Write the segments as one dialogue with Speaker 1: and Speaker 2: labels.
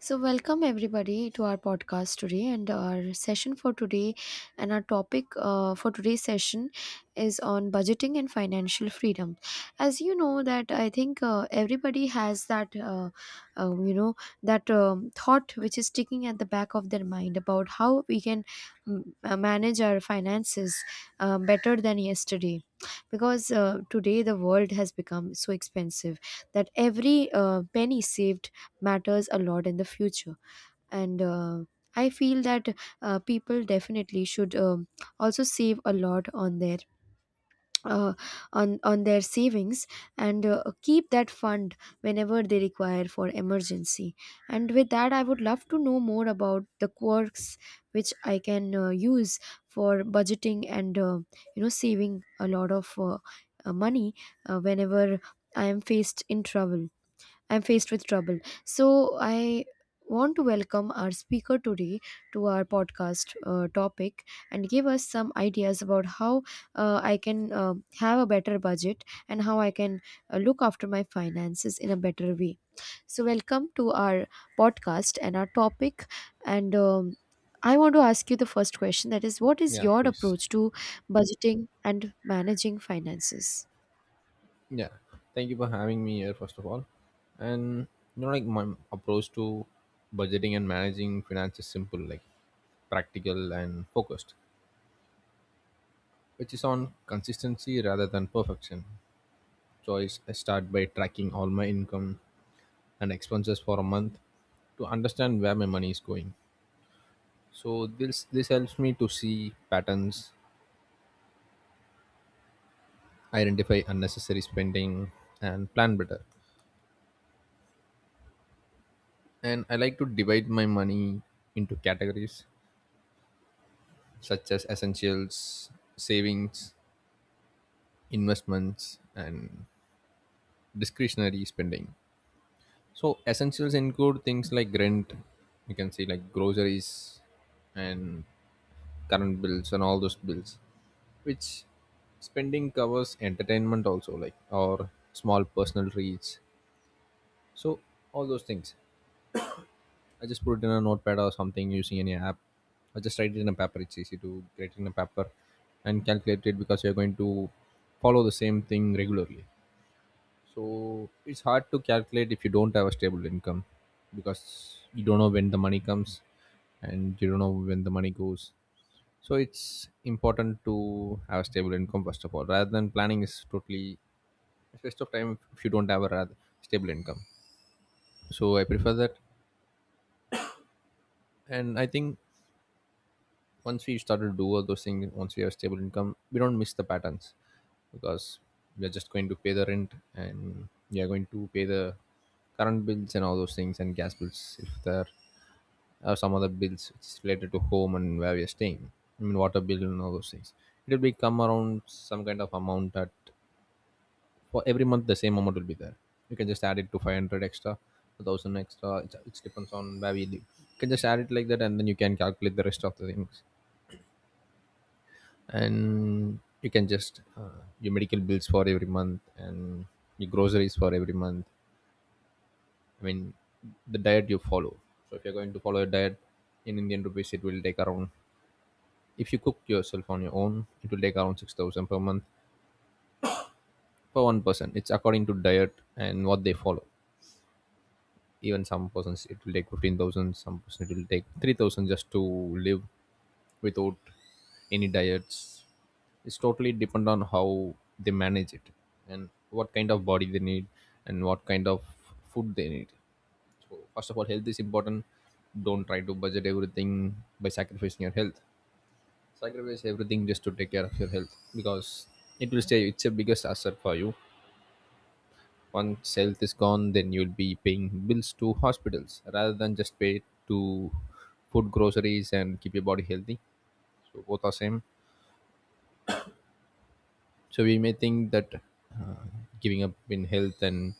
Speaker 1: So, welcome everybody to our podcast today, and our session for today, and our topic for today's session is on budgeting and financial freedom. As you know, that I think everybody has that, you know, that thought which is sticking at the back of their mind about how we can manage our finances better than yesterday. Because today the world has become so expensive that every penny saved matters a lot in the future and I feel that people definitely should also save a lot uh, on their savings and keep that fund whenever they require for emergency. And with that I would love to know more about the quirks which I can use for budgeting and saving a lot of money whenever i am faced in trouble I'm faced with trouble. So I want to welcome our speaker today to our podcast topic and give us some ideas about how I can have a better budget and how I can look after my finances in a better way. So welcome to our podcast and our topic, and I want to ask you the first question, that is, what is
Speaker 2: Yeah,
Speaker 1: your
Speaker 2: please.
Speaker 1: approach to budgeting and managing finances?
Speaker 2: Yeah. Thank you for having me here, first of all. And like my approach to budgeting and managing finance is simple, like practical and focused, which is on consistency rather than perfection. So I start by tracking all my income and expenses for a month to understand where my money is going. So this helps me to see patterns, identify unnecessary spending, and plan better. And I like to divide my money into categories such as essentials, savings, investments, and discretionary spending. So essentials include things like rent, you can say like groceries and current bills and all those bills, which spending covers entertainment also, like or small personal treats. So all those things. I just put it in a notepad or something using any app. I just write it in a paper. It's easy to write it in a paper and calculate it because you're going to follow the same thing regularly. So it's hard to calculate if you don't have a stable income, because you don't know when the money comes and you don't know when the money goes. So it's important to have a stable income first of all. Rather than planning is totally a waste of time if you don't have a rather stable income. So I prefer that, and I think once we started to do all those things, once we have stable income we don't miss the patterns, because we are just going to pay the rent and we are going to pay the current bills and all those things and gas bills. If there are some other bills which is related to home and where we are staying, I mean water bill and all those things, it will become around some kind of amount that for every month the same amount will be there. You can just add it to 500 extra, 1000 extra. It depends on where we live. You can just add it like that, and then you can calculate the rest of the things. And you can just your medical bills for every month and your groceries for every month. I mean the diet you follow. So if you're going to follow a diet, in indian rupees it will take around, if you cook yourself on your own, it will take around 6000 per month for one person. It's according to diet and what they follow. Even some persons it will take 15,000, some person it will take 3000 just to live without any diets. It's totally depend on how they manage it and what kind of body they need and what kind of food they need. So first of all, health is important. Don't try to budget everything by sacrificing your health. Sacrifice everything just to take care of your health, because it will stay, it's a biggest asset for you. Once health is gone, then you'll be paying bills to hospitals rather than just pay to food, groceries and keep your body healthy. So both are same. So we may think that giving up in health and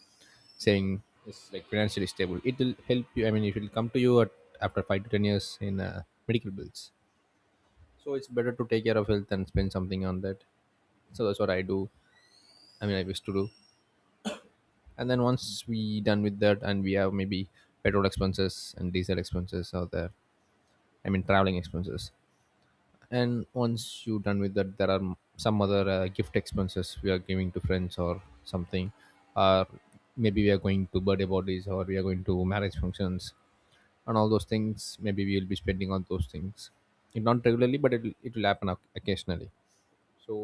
Speaker 2: saying it's like financially stable it will help you. I mean it will come to you at, after 5 to 10 years in medical bills. So it's better to take care of health and spend something on that. So that's what I do. I mean I used to do. And then once we done with that, and we have maybe petrol expenses and diesel expenses out there, I mean traveling expenses. And once you done with that, there are some other gift expenses we are giving to friends or something, or maybe we are going to birthday parties or we are going to marriage functions, and all those things maybe we will be spending on those things. Not regularly, but it will happen occasionally. So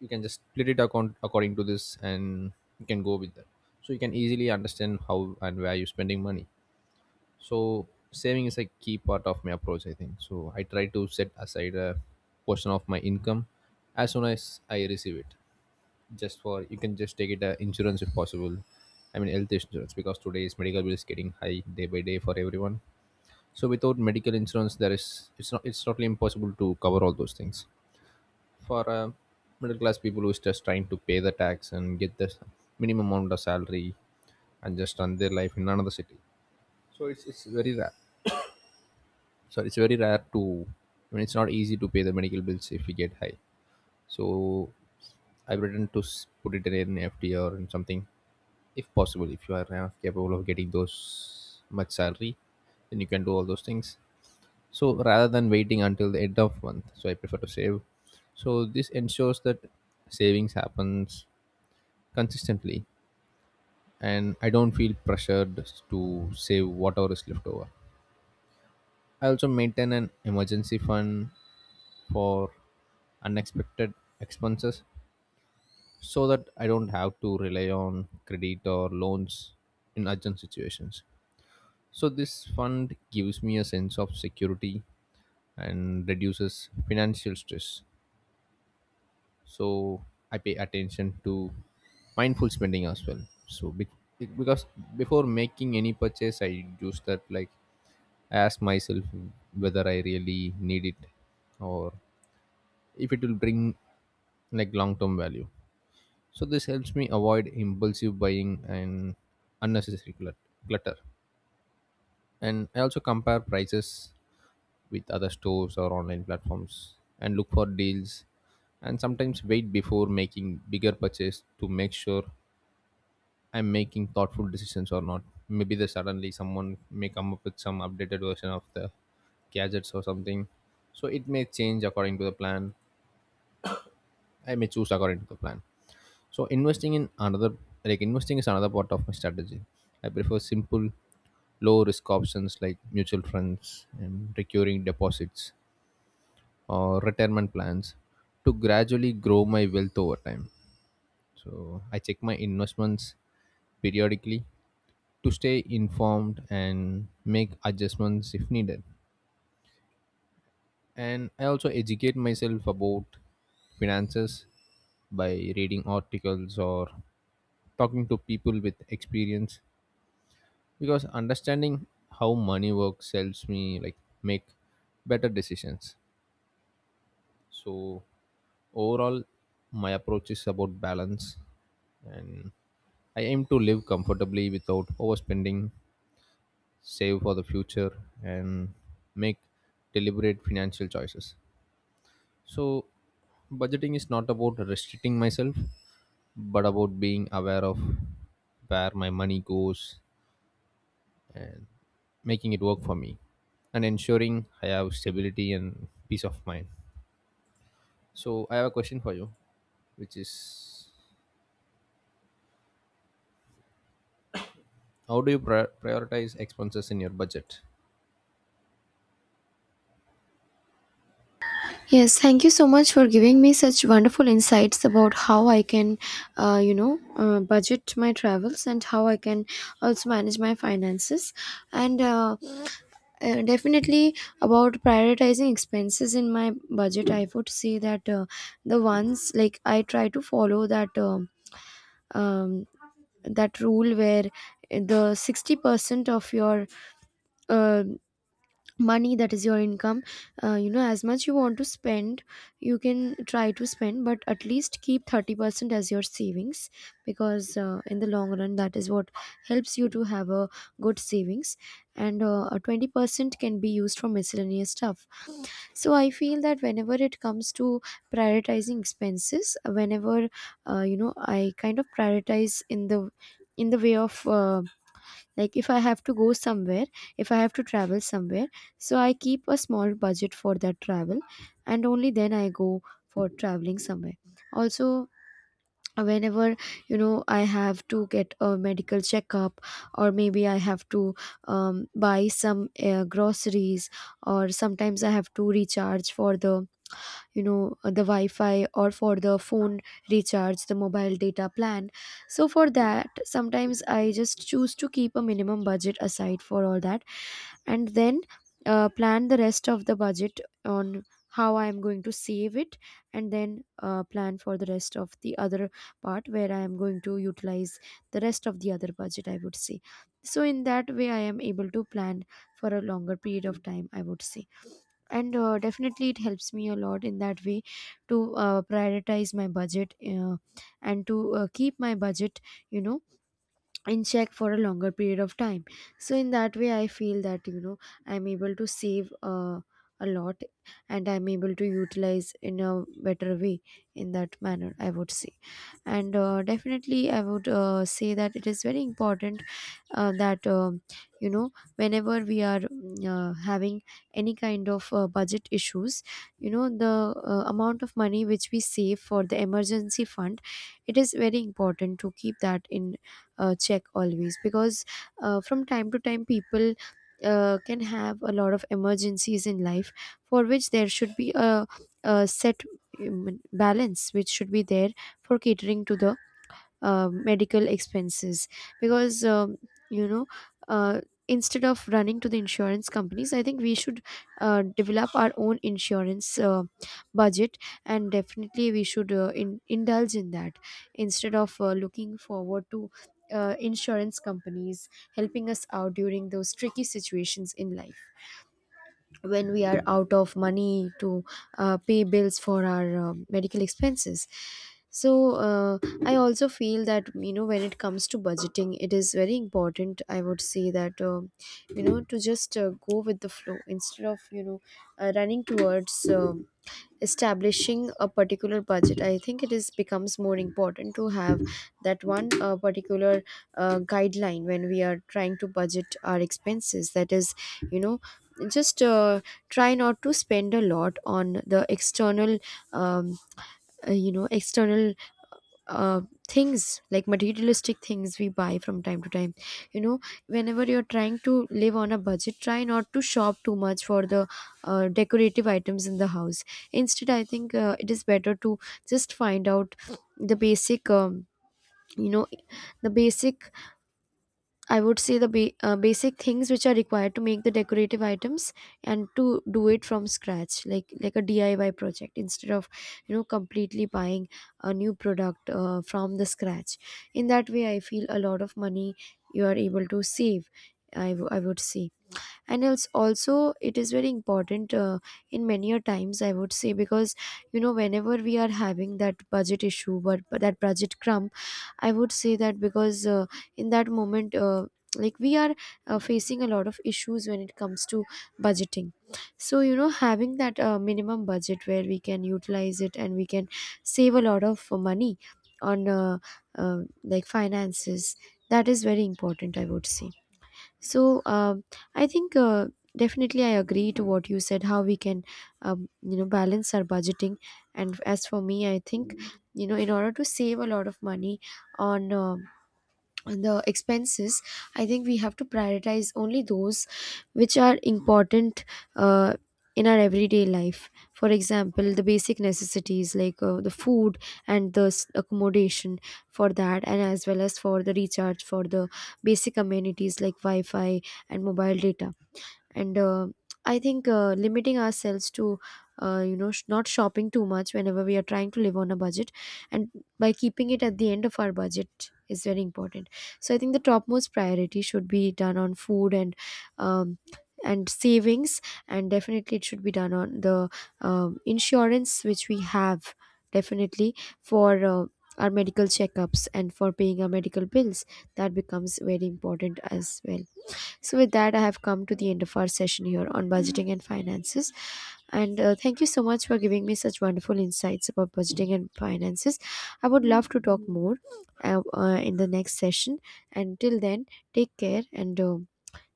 Speaker 2: you can just split it account according to this, and you can go with that. So you can easily understand how and where you're spending money. So saving is a key part of my approach, I think. So I try to set aside a portion of my income as soon as I receive it. Just for, you can just take it insurance if possible, I mean health insurance, because today's medical bill is getting high day by day for everyone. So without medical insurance, there is, it's not, it's totally impossible to cover all those things for middle class people who's just trying to pay the tax and get the minimum amount of salary and just run their life in another city. So it's very rare. So it's very rare to, I mean, it's not easy to pay the medical bills if we get high. So I've written to put it in an FD or in something, if possible, if you are capable of getting those much salary, then you can do all those things. So rather than waiting until the end of month, so I prefer to save. So this ensures that savings happens consistently, and I don't feel pressured to save whatever is left over. I also maintain an emergency fund for unexpected expenses, so that I don't have to rely on credit or loans in urgent situations. So this fund gives me a sense of security and reduces financial stress. So I pay attention to mindful spending as well. So because before making any purchase I use that, like I ask myself whether I really need it, or if it will bring like long term value. So this helps me avoid impulsive buying and unnecessary clutter. And I also compare prices with other stores or online platforms and look for deals, and sometimes wait before making bigger purchase to make sure I'm making thoughtful decisions or not. Maybe the suddenly someone may come up with some updated version of the gadgets or something. So it may change according to the plan. I may choose according to the plan. So investing in another, like investing is another part of my strategy. I prefer simple low risk options like mutual funds and recurring deposits or retirement plans to gradually grow my wealth over time. So I check my investments periodically to stay informed and make adjustments if needed. And I also educate myself about finances by reading articles or talking to people with experience, because understanding how money works helps me like make better decisions. So overall, my approach is about balance, and I aim to live comfortably without overspending, save for the future, and make deliberate financial choices. So budgeting is not about restricting myself, but about being aware of where my money goes and making it work for me, and ensuring I have stability and peace of mind. So I have a question for you, which is how do you prioritize expenses in your budget?
Speaker 1: Yes, thank you so much for giving me such wonderful insights about how I can, budget my travels and how I can also manage my finances. And Definitely about prioritizing expenses in my budget, I would say that the ones, like I try to follow um, that rule where the 60% of your uh, money, that is your income, as much you want to spend you can try to spend, but at least keep 30% as your savings, because in the long run that is what helps you to have a good savings. And a 20% can be used for miscellaneous stuff. So I feel that whenever it comes to prioritizing expenses, whenever I kind of prioritize in the way of like, if I have to go somewhere, if I have to travel somewhere, so I keep a small budget for that travel and only then I go for traveling somewhere. Also, whenever, you know, I have to get a medical checkup, or maybe I have to buy some groceries, or sometimes I have to recharge for the, you know, the wi-fi or for the phone, recharge the mobile data plan. So for that, sometimes I just choose to keep a minimum budget aside for all that, and then plan the rest of the budget on how I am going to save it, and then plan for the rest of the other part where I am going to utilize the rest of the other budget, I would say. So in that way I am able to plan for a longer period of time, I would say, and definitely it helps me a lot in that way to prioritize my budget, and to keep my budget, you know, in check for a longer period of time. So in that way I feel that, you know, I'm able to save a lot, and I'm able to utilize in a better way, in that manner, I would say. And definitely I would say that it is very important that you know, whenever we are having any kind of budget issues, you know, the amount of money which we save for the emergency fund, it is very important to keep that in check always, because from time to time people can have a lot of emergencies in life, for which there should be a set balance which should be there for catering to the medical expenses. Because you know uh, instead of running to the insurance companies, I think we should develop our own insurance budget, and definitely we should indulge in that, instead of looking forward to insurance companies helping us out during those tricky situations in life when we are out of money to pay bills for our medical expenses. So uh, I also feel that, you know, when it comes to budgeting, it is very important, I would say, that you know, to just go with the flow instead of, you know, running towards establishing a particular budget. I think it is, becomes more important to have that one particular guideline when we are trying to budget our expenses, that is, you know, just try not to spend a lot on the external um, external uh, things like materialistic things we buy from time to time. You know, whenever you're trying to live on a budget, try not to shop too much for the decorative items in the house. Instead, I think it is better to just find out the basic you know the basic I would say the basic things which are required to make the decorative items, and to do it from scratch, like a DIY project instead of, you know, completely buying a new product from the scratch. In that way, I feel a lot of money you are able to save, I would say. And else also it is very important in many a times, I would say, because, you know, whenever we are having that budget issue, but that budget crump, I would say, that because in that moment, like we are facing a lot of issues when it comes to budgeting. So, you know, having that minimum budget where we can utilize it and we can save a lot of money on like finances, that is very important, I would say. So I think definitely I agree to what you said, how we can you know, balance our budgeting. And as for me, I think, you know, in order to save a lot of money on the expenses, I think we have to prioritize only those which are important uh, in our everyday life, for example the basic necessities like the food and the accommodation for that, and as well as for the recharge for the basic amenities like wi-fi and mobile data. And I think limiting ourselves to you know, not shopping too much whenever we are trying to live on a budget, and by keeping it at the end of our budget, is very important. So I think the topmost priority should be done on food um, and savings, and definitely it should be done on the insurance which we have, definitely, for our medical checkups and for paying our medical bills. That becomes very important as well. So, with that, I have come to the end of our session here on budgeting and finances. And thank you so much for giving me such wonderful insights about budgeting and finances. I would love to talk more in the next session. And till then, take care, and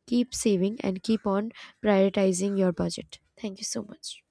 Speaker 1: keep saving and keep on prioritizing your budget. Thank you so much.